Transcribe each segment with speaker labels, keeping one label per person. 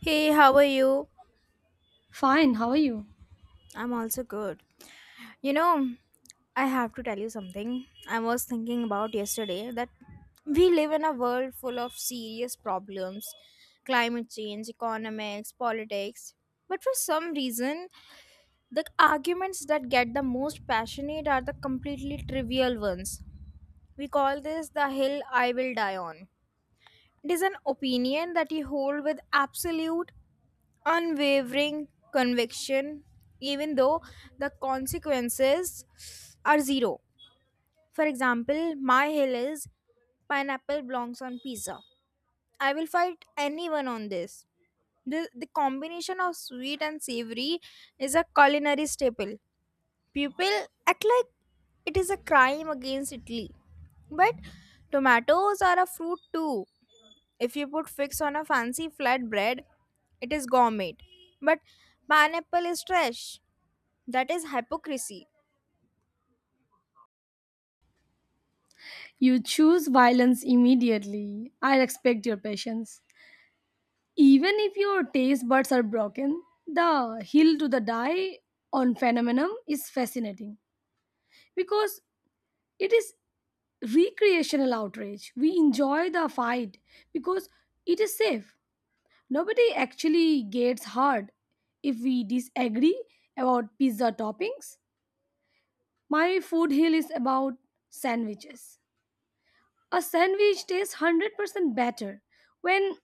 Speaker 1: Hey, how are you?
Speaker 2: Fine, how are you?
Speaker 1: I'm also good. You know, I have to tell you something. I was thinking about yesterday that we live in a world full of serious problems: climate change, economics, politics. But for some reason, the arguments that get the most passionate are the completely trivial ones. We call this the hill I will die on. It is an opinion that you hold with absolute unwavering conviction, even though the consequences are zero. For example, my hill is pineapple belongs on pizza. I will fight anyone on this. The combination of sweet and savory is a culinary staple. People act like it is a crime against Italy. But tomatoes are a fruit too. If you put fix on a fancy flatbread, it is gourmet. But pineapple is trash. That is hypocrisy.
Speaker 2: You choose violence immediately. I respect your patience. Even if your taste buds are broken, the hill to the die on phenomenon is fascinating because it is recreational outrage. We enjoy the fight because it is safe. Nobody actually gets hurt if we disagree about pizza toppings. My food hill is about sandwiches. A sandwich tastes 100% better when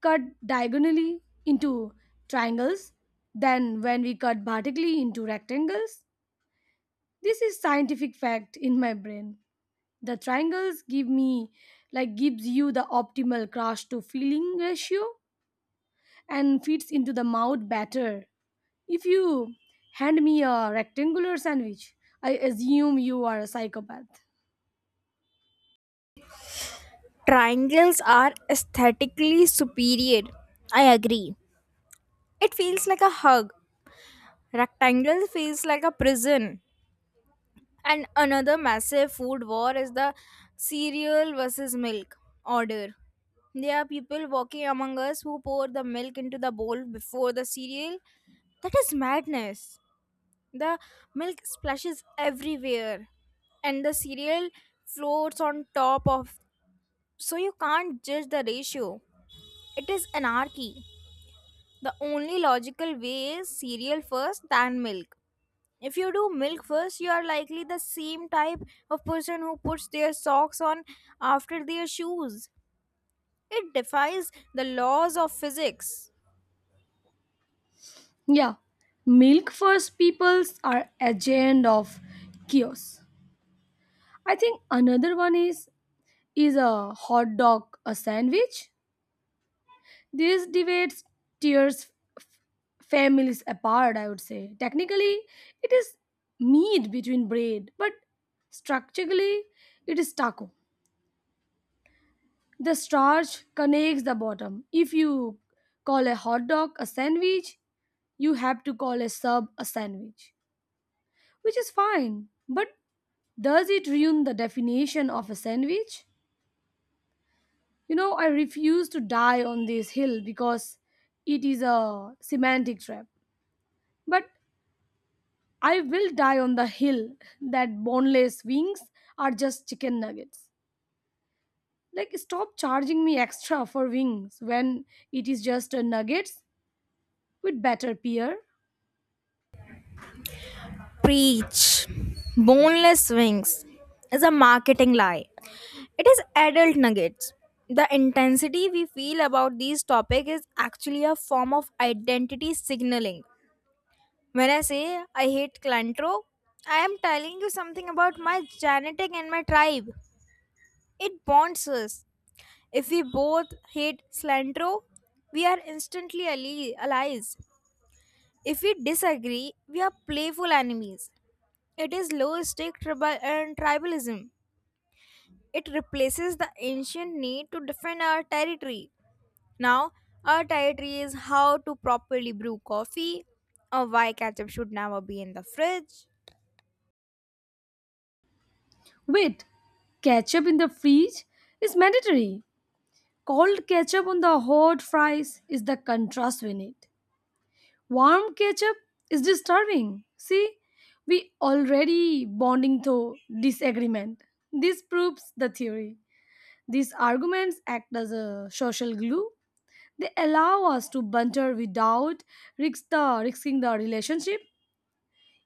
Speaker 2: cut diagonally into triangles than when we cut vertically into rectangles. This is scientific fact in my brain. The triangles give me like gives you the optimal crush to filling ratio and fits into the mouth better. If you hand me a rectangular sandwich, I assume you are a psychopath.
Speaker 1: Triangles are aesthetically superior. I agree. It feels like a hug. Rectangle feels like a prison. And another massive food war is the cereal versus milk order. There are people walking among us who pour the milk into the bowl before the cereal. That is madness. The milk splashes everywhere and the cereal floats on top of, so you can't judge the ratio. It is anarchy. The only logical way is cereal first then milk. If you do milk first, you are likely the same type of person who puts their socks on after their shoes. It defies the laws of physics.
Speaker 2: Yeah, milk first peoples are agent of chaos. I think another one is: is a hot dog a sandwich? These debates tears families apart, I would say. Technically, it is meat between bread, but structurally it is taco. The starch connects the bottom. If you call a hot dog a sandwich, you have to call a sub a sandwich, which is fine. But does it ruin the definition of a sandwich? I refuse to die on this hill because it is a semantic trap. But I will die on the hill that boneless wings are just chicken nuggets. Like, stop charging me extra for wings when it is just a nuggets with batter peer.
Speaker 1: Preach. Boneless wings is a marketing lie. It is adult nuggets. The intensity we feel about these topics is actually a form of identity signaling. When I say I hate Clintro, I am telling you something about my genetic and my tribe. It bonds us. If we both hate cilantro, we are instantly allies. If we disagree, we are playful enemies. It is low stake tribal and tribalism. It replaces the ancient need to defend our territory. Now, our territory is how to properly brew coffee, or why ketchup should never be in the fridge.
Speaker 2: Wait, ketchup in the fridge is mandatory. Cold ketchup on the hot fries is the contrast we need. Warm ketchup is disturbing. See, we already bonding through disagreement. This proves the theory. These arguments act as a social glue. They allow us to banter without risking the relationship.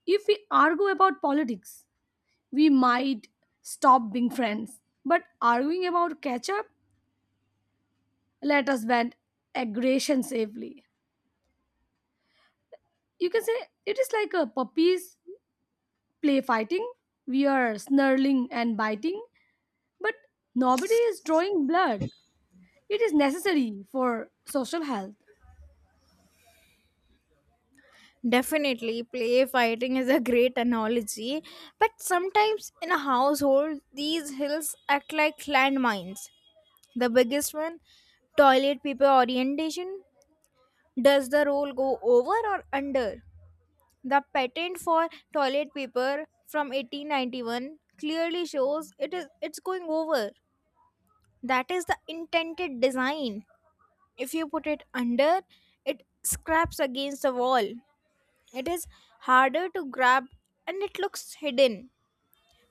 Speaker 2: If we argue about politics, we might stop being friends. But arguing about ketchup, let us vent aggression safely. You can say it is like a puppies play fighting, we are snarling and biting, but nobody is drawing blood. It is necessary for social health.
Speaker 1: Definitely, play fighting is a great analogy, but sometimes in a household, these hills act like landmines. The biggest one: toilet paper orientation. Does the roll go over or under? The patent for toilet paper from 1891 clearly shows it's going over. That is the intended design. If you put it under, it scraps against the wall. It is harder to grab and it looks hidden.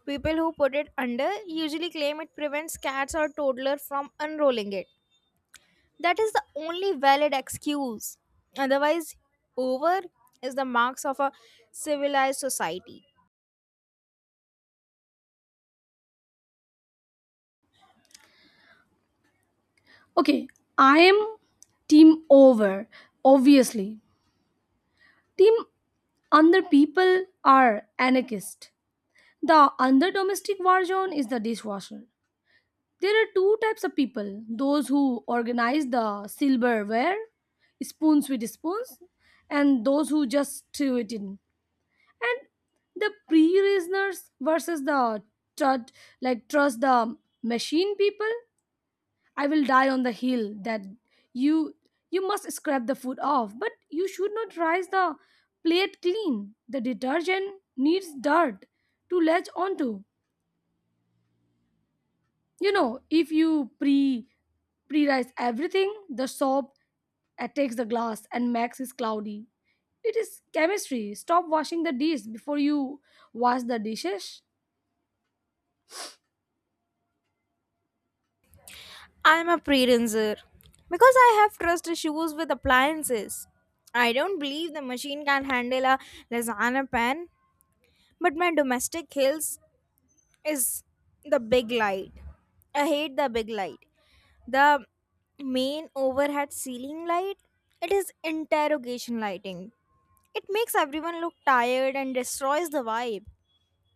Speaker 1: People who put it under usually claim it prevents cats or toddler from unrolling it. That is the only valid excuse. Otherwise, over is the marks of a civilized society.
Speaker 2: Okay, I am team over, obviously. Team under people are anarchist. The under domestic war zone is the dishwasher. There are two types of people: those who organize the silverware, spoons with spoons, and those who just threw it in. And the pre-reasoners versus the trust trust the machine people. I will die on the hill that you you must scrap the food off, but you should not rise the plate clean. The detergent needs dirt to latch onto. If you pre-rise everything, the soap attacks the glass and max is cloudy. It is chemistry. Stop washing the dish before you wash the dishes.
Speaker 1: I'm a pre-rinser because I have trust issues with appliances. I don't believe the machine can handle a lasagna pan, but my domestic hills is the big light. I hate the big light. The main overhead ceiling light, it is interrogation lighting. It makes everyone look tired and destroys the vibe.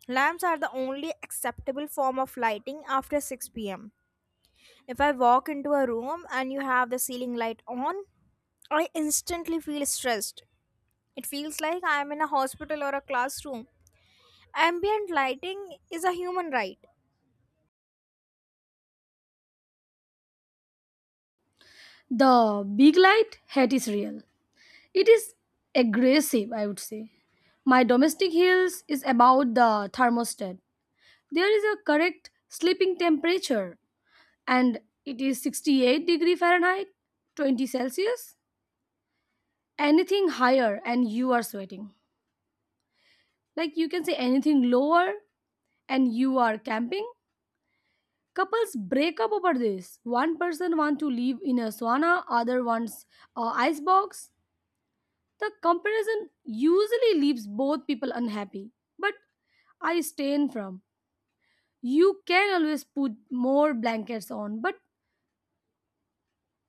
Speaker 1: Lamps are the only acceptable form of lighting after 6 pm. If I walk into a room and you have the ceiling light on, I instantly feel stressed. It feels like I'm in a hospital or a classroom. Ambient lighting is a human right.
Speaker 2: The big light hat is real. It is aggressive, I would say. My domestic heels is about the thermostat. There is a correct sleeping temperature and it is 68-degree Fahrenheit, 20 Celsius. Anything higher and you are sweating. Like you can say anything lower and you are camping. Couples break up over this. One person want to live in a sauna, other wants a ice box. The comparison usually leaves both people unhappy, but I stain from. You can always put more blankets on, but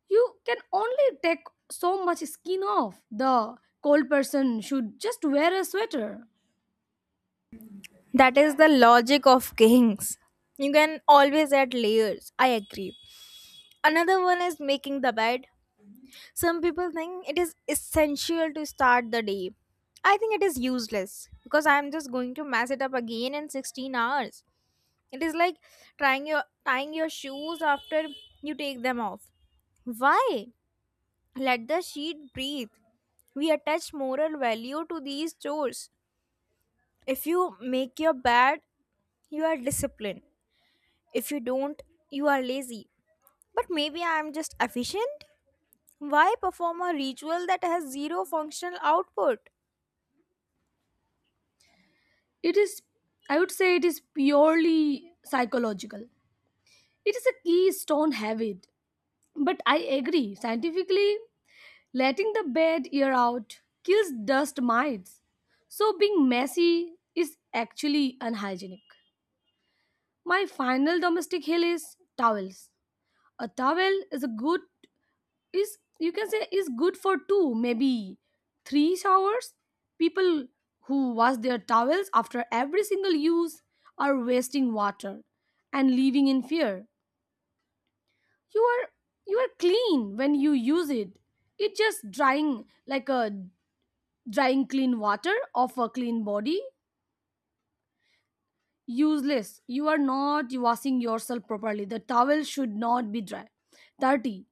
Speaker 2: you can only take so much skin off. The cold person should just wear a sweater.
Speaker 1: That is the logic of kings. You can always add layers. I agree. Another one is making the bed. Some people think it is essential to start the day. I think it is useless because I am just going to mess it up again in 16 hours. It is like trying your tying your shoes after you take them off. Why? Let the sheet breathe. We attach moral value to these chores. If you make your bed, you are disciplined. If you don't, you are lazy. But maybe I am just efficient. Why perform a ritual that has zero functional output?
Speaker 2: It is, I would say, it is purely psychological. It is a keystone habit. But I agree, scientifically, letting the bed air out kills dust mites, so being messy is actually unhygienic. My final domestic hill is towels. A towel is a good is you can say is good for two, maybe three showers. People who wash their towels after every single use are wasting water and living in fear. You are you are clean when you use it. It's just drying clean water off a clean body, useless. You are not washing yourself properly. The towel should not be dry. 30.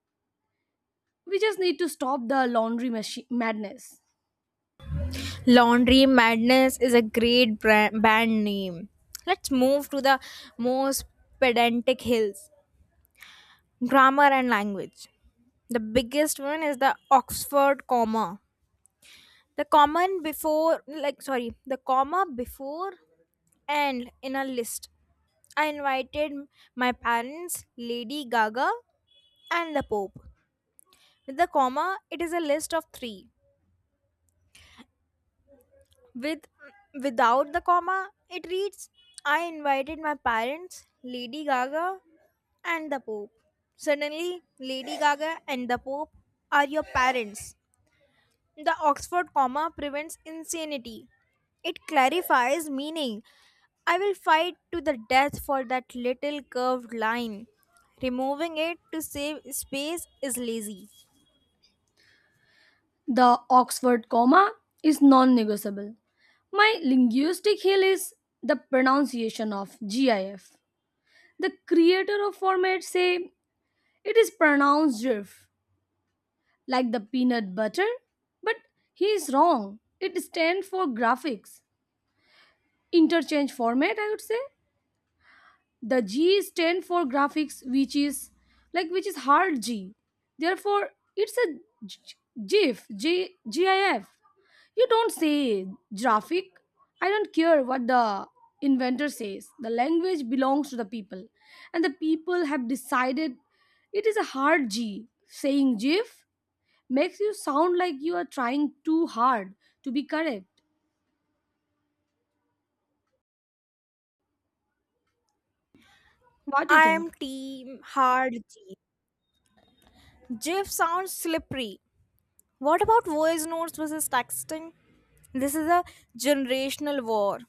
Speaker 2: We just need to stop the laundry madness.
Speaker 1: Laundry Madness is a great band name. Let's move to the most pedantic hills: grammar and language. The biggest one is the Oxford comma. The common before, like, sorry, The comma before "and" in a list. I invited my parents, Lady Gaga, and the Pope. With the comma, it is a list of three. With Without the comma, it reads: I invited my parents, Lady Gaga, and the Pope. Suddenly, Lady Gaga and the Pope are your parents. The Oxford comma prevents insanity. It clarifies meaning. I will fight to the death for that little curved line. Removing it to save space is lazy.
Speaker 2: The Oxford comma is non negotiable. My linguistic hill is the pronunciation of GIF. The creator of format say it is pronounced GIF like the peanut butter, but he is wrong. It stands for graphics interchange format, I would say. The G is stand for graphics, which is hard G, therefore it's a g- gif g gif. You don't say graphic. I don't care what the inventor says. The language belongs to the people, and the people have decided it is a hard G. Saying gif makes you sound like you are trying too hard to be correct. What do you
Speaker 1: I am
Speaker 2: think?
Speaker 1: team hard G. GIF sounds slippery. What about voice notes versus texting? This is a generational war.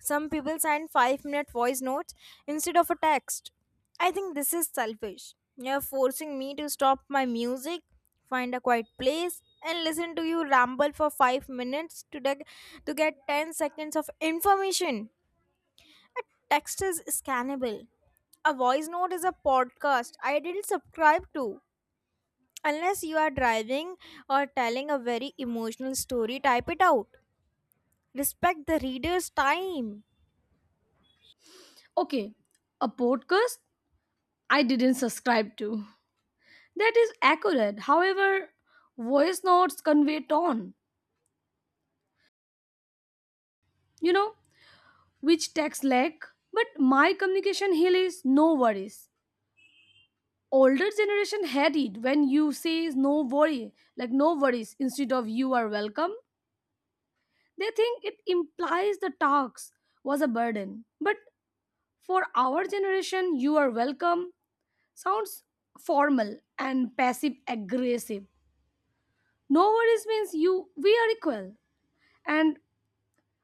Speaker 1: Some people send 5-minute voice notes instead of a text. I think this is selfish. You're forcing me to stop my music, find a quiet place, and listen to you ramble for 5 minutes to get 10 seconds of information. A text is scannable. A voice note is a podcast I didn't subscribe to. Unless you are driving or telling a very emotional story, type it out. Respect the reader's time.
Speaker 2: Okay, a podcast I didn't subscribe to. That is accurate. However, voice notes convey tone, you know, which text lack. But my communication hill is no worries. Older generation had it when you say no worry, like no worries instead of you are welcome. They think it implies the talks was a burden. But for our generation, you are welcome sounds formal and passive aggressive. No worries means you we are equal and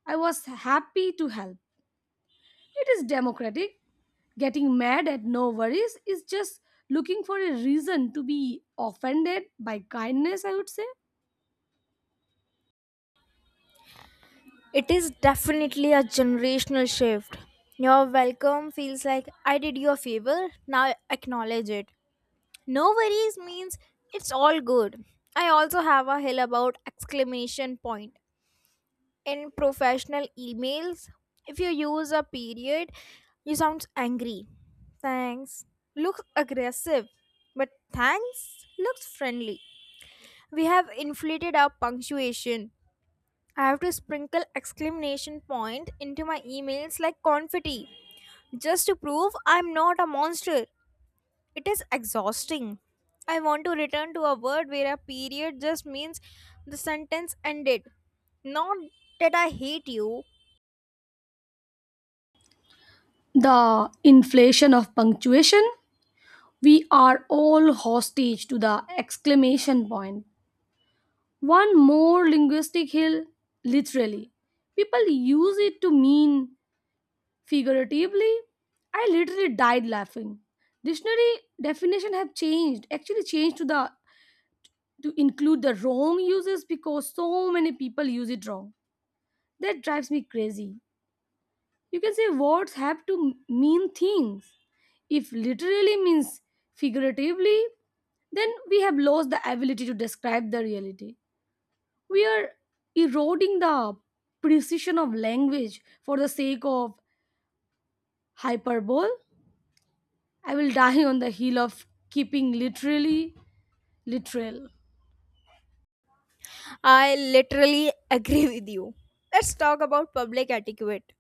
Speaker 2: I was happy to help. It is democratic. Getting mad at no worries is just looking for a reason to be offended by kindness, I would say.
Speaker 1: It is definitely a generational shift. Your welcome feels like I did you a favor, now acknowledge it. No worries means it's all good. I also have a hill about exclamation point. In professional emails, if you use a period you sound angry. Thanks looks aggressive, but thanks looks friendly. We have inflated our punctuation. I have to sprinkle exclamation point into my emails like confetti just to prove I'm not a monster. It is exhausting. I want to return to a word where a period just means the sentence ended, not that I hate you.
Speaker 2: The inflation of punctuation. We are all hostage to the exclamation point. One more linguistic hill, literally. People use it to mean figuratively. I literally died laughing. Dictionary definition have changed, actually changed to include the wrong uses because so many people use it wrong. That drives me crazy. You can say words have to mean things. If literally means figuratively, then we have lost the ability to describe the reality. We are eroding the precision of language for the sake of hyperbole. I will die on the hill of keeping literally literal.
Speaker 1: I literally agree with you. Let's talk about public etiquette.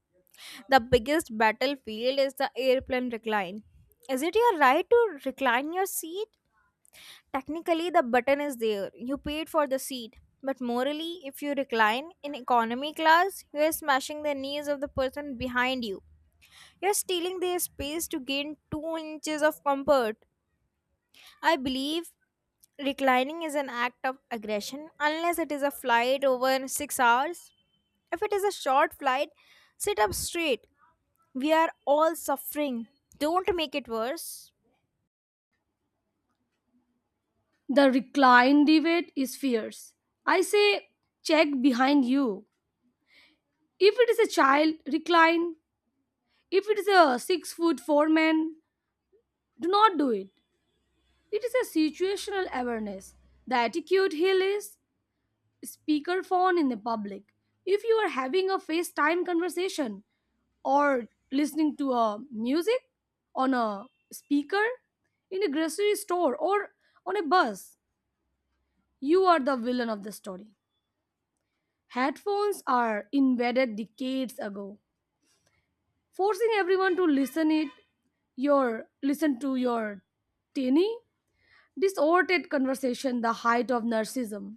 Speaker 1: The biggest battlefield is the airplane recline. Is it your right to recline your seat? Technically, the button is there. You paid for the seat. But morally, if you recline in economy class, you are smashing the knees of the person behind you. You are stealing their space to gain 2 inches of comfort. I believe reclining is an act of aggression unless it is a flight over 6 hours. If it is a short flight, sit up straight. We are all suffering. Don't make it worse.
Speaker 2: The recline debate is fierce. I say, check behind you. If it is a child, recline. If it is a six foot four-man, do not do it. It is a situational awareness. The attitude hill is speakerphone in the public. If you are having a FaceTime conversation or listening to a music on a speaker in a grocery store or on a bus, you are the villain of the story. Headphones are invented decades ago, forcing everyone to listen to your tinny disordered conversation, the height of narcissism.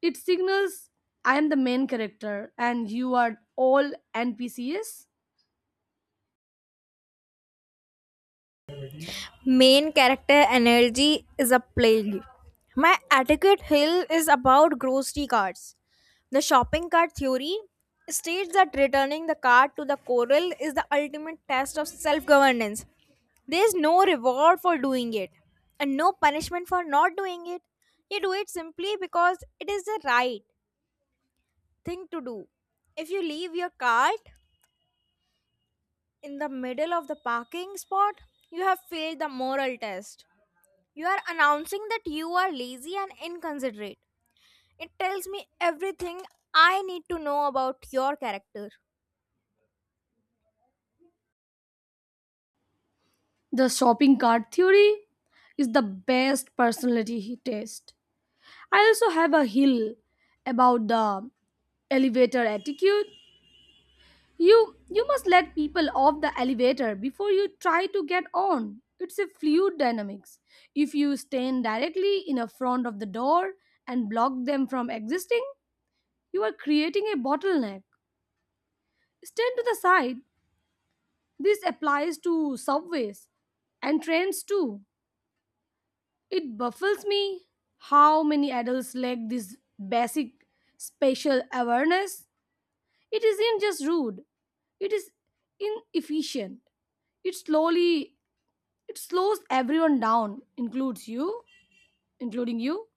Speaker 2: It signals I am the main character and you are all NPCs.
Speaker 1: Main character energy is a plague. My adequate hill is about grocery carts. The shopping cart theory states that returning the cart to the coral is the ultimate test of self governance. There is no reward for doing it and no punishment for not doing it. You do it simply because it is the right thing to do. If you leave your cart in the middle of the parking spot, you have failed the moral test. You are announcing that you are lazy and inconsiderate. It tells me everything I need to know about your character.
Speaker 2: The shopping cart theory is the best personality test. I also have a hill about the elevator attitude. You must let people off the elevator before you try to get on. It's a fluid dynamics. If you stand directly in a front of the door and block them from existing, you are creating a bottleneck. Stand to the side. This applies to subways and trains too. It baffles me how many adults lack this basic spatial awareness. It isn't just rude, it is inefficient. it slowly It slows everyone down, including you.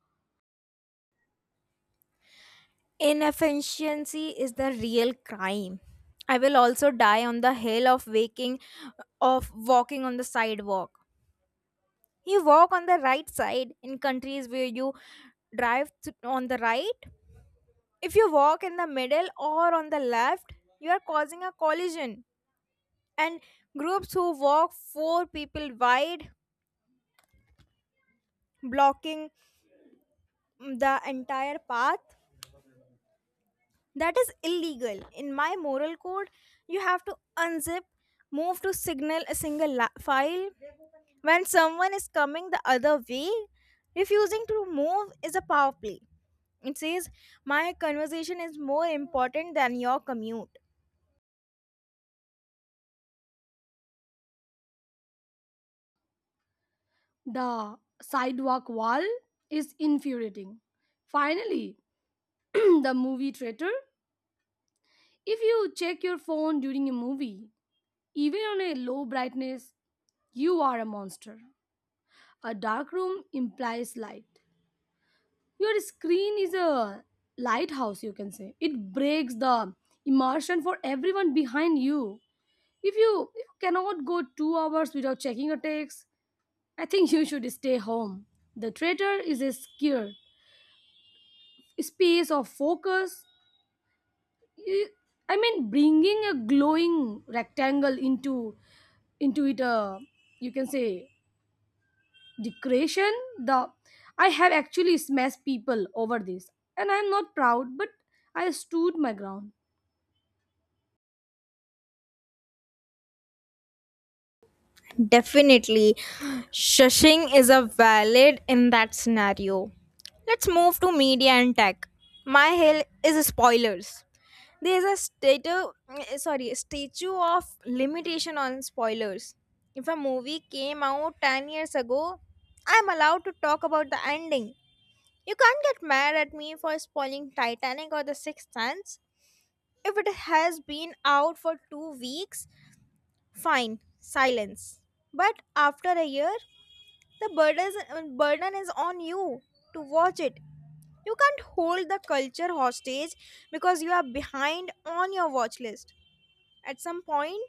Speaker 1: Inefficiency is the real crime. I will also die on the hill of waking of walking on the sidewalk. You walk on the right side in countries where you drive on the right. If you walk in the middle or on the left, you are causing a collision. And groups who walk four people wide, blocking the entire path, that is illegal in my moral code. You have to unzip, move to signal a file when someone is coming the other way. Refusing to move is a power play. It says my conversation is more important than your commute.
Speaker 2: The sidewalk wall is infuriating. Finally, the movie traitor. If you check your phone during a movie, even on a low brightness, you are a monster. A dark room implies light. Your screen is a lighthouse, you can say. It breaks the immersion for everyone behind you. If you cannot go 2 hours without checking a text, I think you should stay home. The traitor is a scared space of focus. I I mean, bringing a glowing rectangle into it. You can say decoration. The I have actually smashed people over this, and I am not proud, but I stood my ground.
Speaker 1: Definitely, shushing is a valid in that scenario. Let's move to media and tech. My hell is spoilers. There's a statue of limitation on spoilers. If a movie came out 10 years ago, I'm allowed to talk about the ending. You can't get mad at me for spoiling Titanic or The Sixth Sense. If it has been out for 2 weeks, fine, silence. But after a year, the burden is, burden is on you to watch it. You can't hold the culture hostage because you are behind on your watch list. At some point,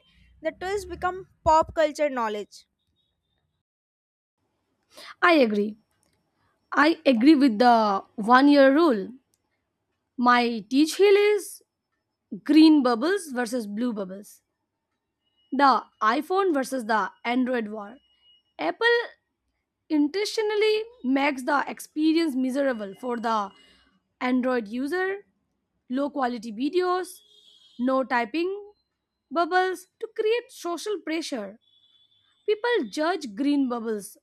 Speaker 1: the twists become pop culture knowledge.
Speaker 2: I agree. I agree with the one year rule. My teach hill is green bubbles versus blue bubbles. The iPhone versus the Android war. Apple intentionally makes the experience miserable for the Android user: low quality videos, no typing bubbles to create social pressure. People judge green bubbles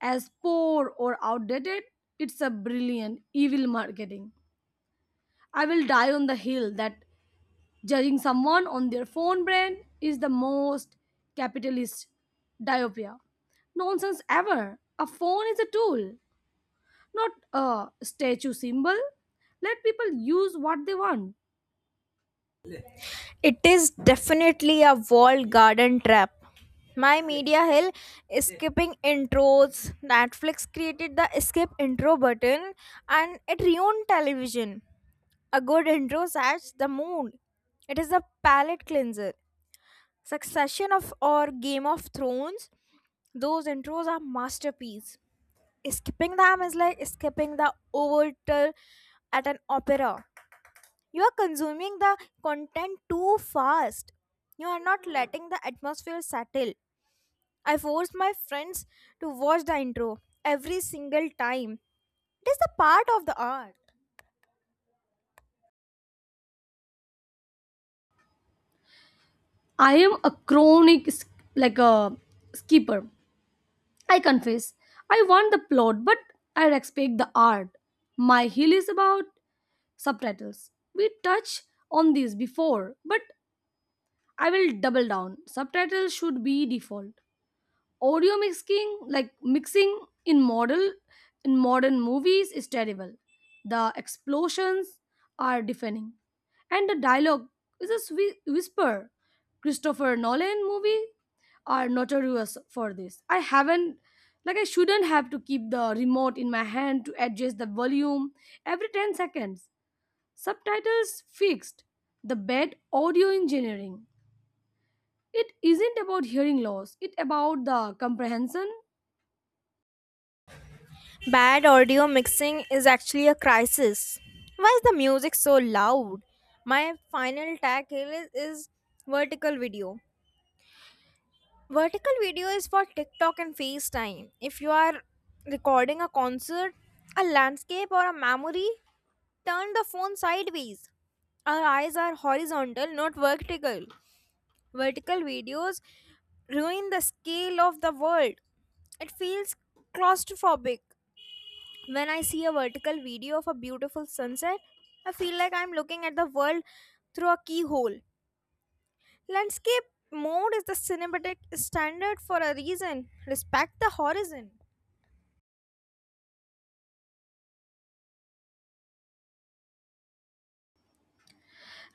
Speaker 2: as poor or outdated. It's a brilliant evil marketing. I will die on the hill that judging someone on their phone brand is the most capitalist diopia. Nonsense ever. A phone is a tool, not a statue symbol. Let people use what they want.
Speaker 1: It is definitely a walled garden trap. My media hill is skipping intros. Netflix created the skip intro button and it ruined television. A good intro sets the mood. It is a palate cleanser. Succession of or Game of Thrones, those intros are masterpiece. Skipping them is like skipping the overture at an opera. You are consuming the content too fast. You are not letting the atmosphere settle. I forced my friends to watch the intro every single time. It is the part of the art.
Speaker 2: I am a chronic sk- like a skipper. I confess. I want the plot, but I respect the art. My hill is about subtitles. We touched on this before, but I will double down. Subtitles should be default. Audio mixing in model in modern movies is terrible. The explosions are deafening and the dialogue is a whisper. Christopher Nolan movie are notorious for this. I shouldn't have to keep the remote in my hand to adjust the volume every 10 seconds. Subtitles fixed the bad audio engineering. It isn't about hearing loss, it's about the comprehension.
Speaker 1: Bad audio mixing is actually a crisis. Why is the music so loud? My final tackle is vertical video. Vertical video is for TikTok and FaceTime. If you are recording a concert, a landscape, or a memory, turn the phone sideways. Our eyes are horizontal, not vertical. Vertical videos ruin the scale of the world. It feels claustrophobic. When I see a vertical video of a beautiful sunset, I feel like I'm looking at the world through a keyhole. Landscape mode is the cinematic standard for a reason. Respect the horizon.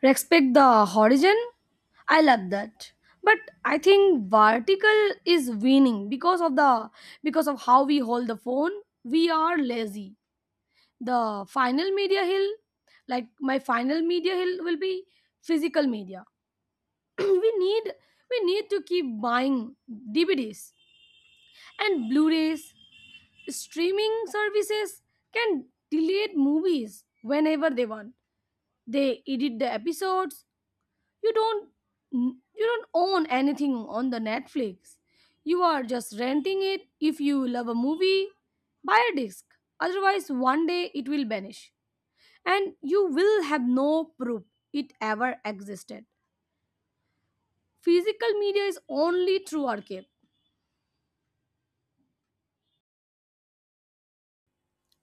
Speaker 2: Respect the horizon. I love that, but I think vertical is winning because of how we hold the phone. We are lazy. The final media hill like My final media hill will be physical media. we need we need to keep buying DVDs and Blu-rays. Streaming services can delete movies whenever they want. They edit the episodes. You don't you don't own anything on the Netflix. You are just renting it. If you love a movie, buy a disc. Otherwise, one day it will vanish and you will have no proof it ever existed. Physical media is only through archive.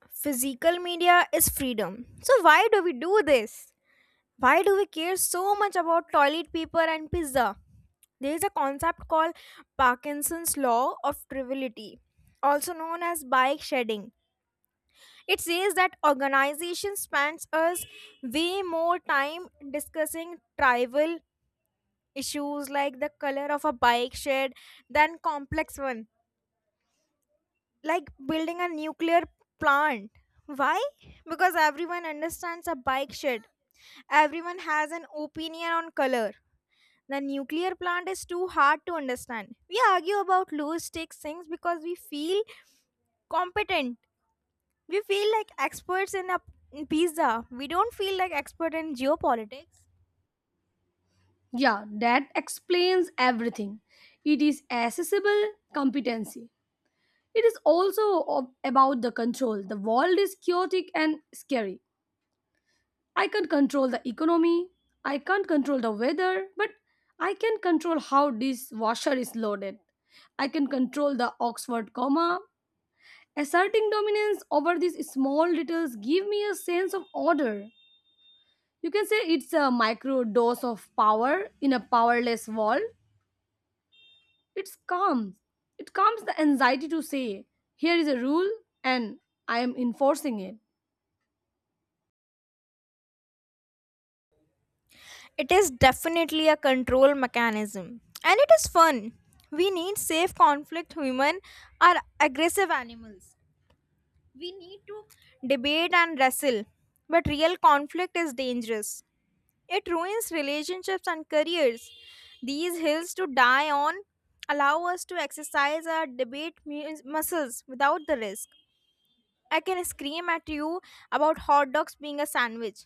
Speaker 1: Physical media is freedom. So, why do we do this? Why do we care so much about toilet paper and pizza? There is a concept called Parkinson's law of triviality, also known as bike shedding. It says that organization spends us way more time discussing tribal issues, like the color of a bike shed, than complex one, like building a nuclear plant. Why? Because everyone understands a bike shed. Everyone has an opinion on color. The nuclear plant is too hard to understand. We argue about low stakes things because we feel competent. We feel like experts in pizza. We don't feel like expert in geopolitics.
Speaker 2: Yeah, that explains everything. It is accessible competency. It is also about the control. The world is chaotic and scary. I can't control the economy, I can't control the weather, but I can control how this washer is loaded. I can control the Oxford comma. Asserting dominance over these small details give me a sense of order. You can say it's a micro dose of power in a powerless world. It's calm. It calms the anxiety to say, here is a rule and I am enforcing it.
Speaker 1: It is definitely a control mechanism. And it is fun. We need safe conflict. Women are aggressive animals. We need to debate and wrestle. But real conflict is dangerous. It ruins relationships and careers. These hills to die on allow us to exercise our muscles without the risk. I can scream at you about hot dogs being a sandwich,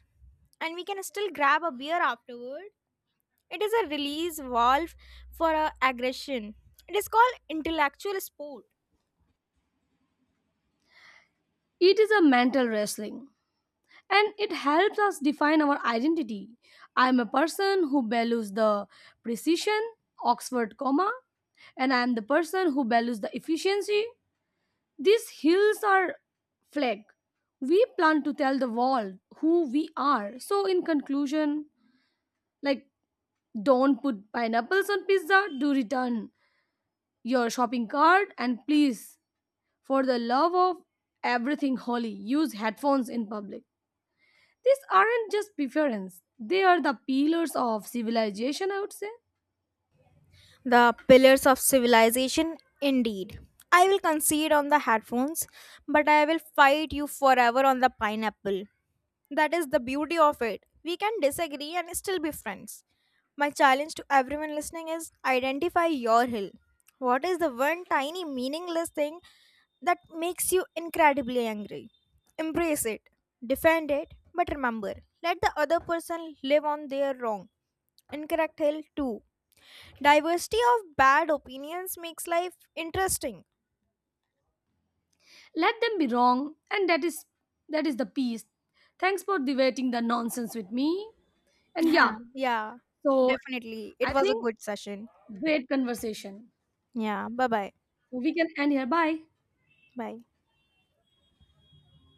Speaker 1: and we can still grab a beer afterward. It is a release valve for our aggression. It is called intellectual sport.
Speaker 2: It is a mental wrestling. And it helps us define our identity. I am a person who values the precision, Oxford comma, and I am the person who values the efficiency. These hills are flag. We plan to tell the world who we are. So, in conclusion, like don't put pineapples on pizza. Do return your shopping cart and please, for the love of everything holy, use headphones in public. These aren't just preference, they are the pillars of civilization, I would say.
Speaker 1: The pillars of civilization, indeed. I will concede on the headphones, but I will fight you forever on the pineapple. That is the beauty of it. We can disagree and still be friends. My challenge to everyone listening is identify your hill. What is the one tiny meaningless thing that makes you incredibly angry? Embrace it, defend it, but remember, let the other person live on their wrong. Incorrect hill too. Diversity of bad opinions makes life interesting.
Speaker 2: Let them be wrong, and that is the peace. Thanks for debating the nonsense with me. And
Speaker 1: Yeah,
Speaker 2: yeah,
Speaker 1: yeah,
Speaker 2: so
Speaker 1: definitely. It
Speaker 2: I
Speaker 1: was a
Speaker 2: think,
Speaker 1: good session.
Speaker 2: great conversation.
Speaker 1: Yeah, bye bye.
Speaker 2: So we can end here. Bye.
Speaker 1: Bye.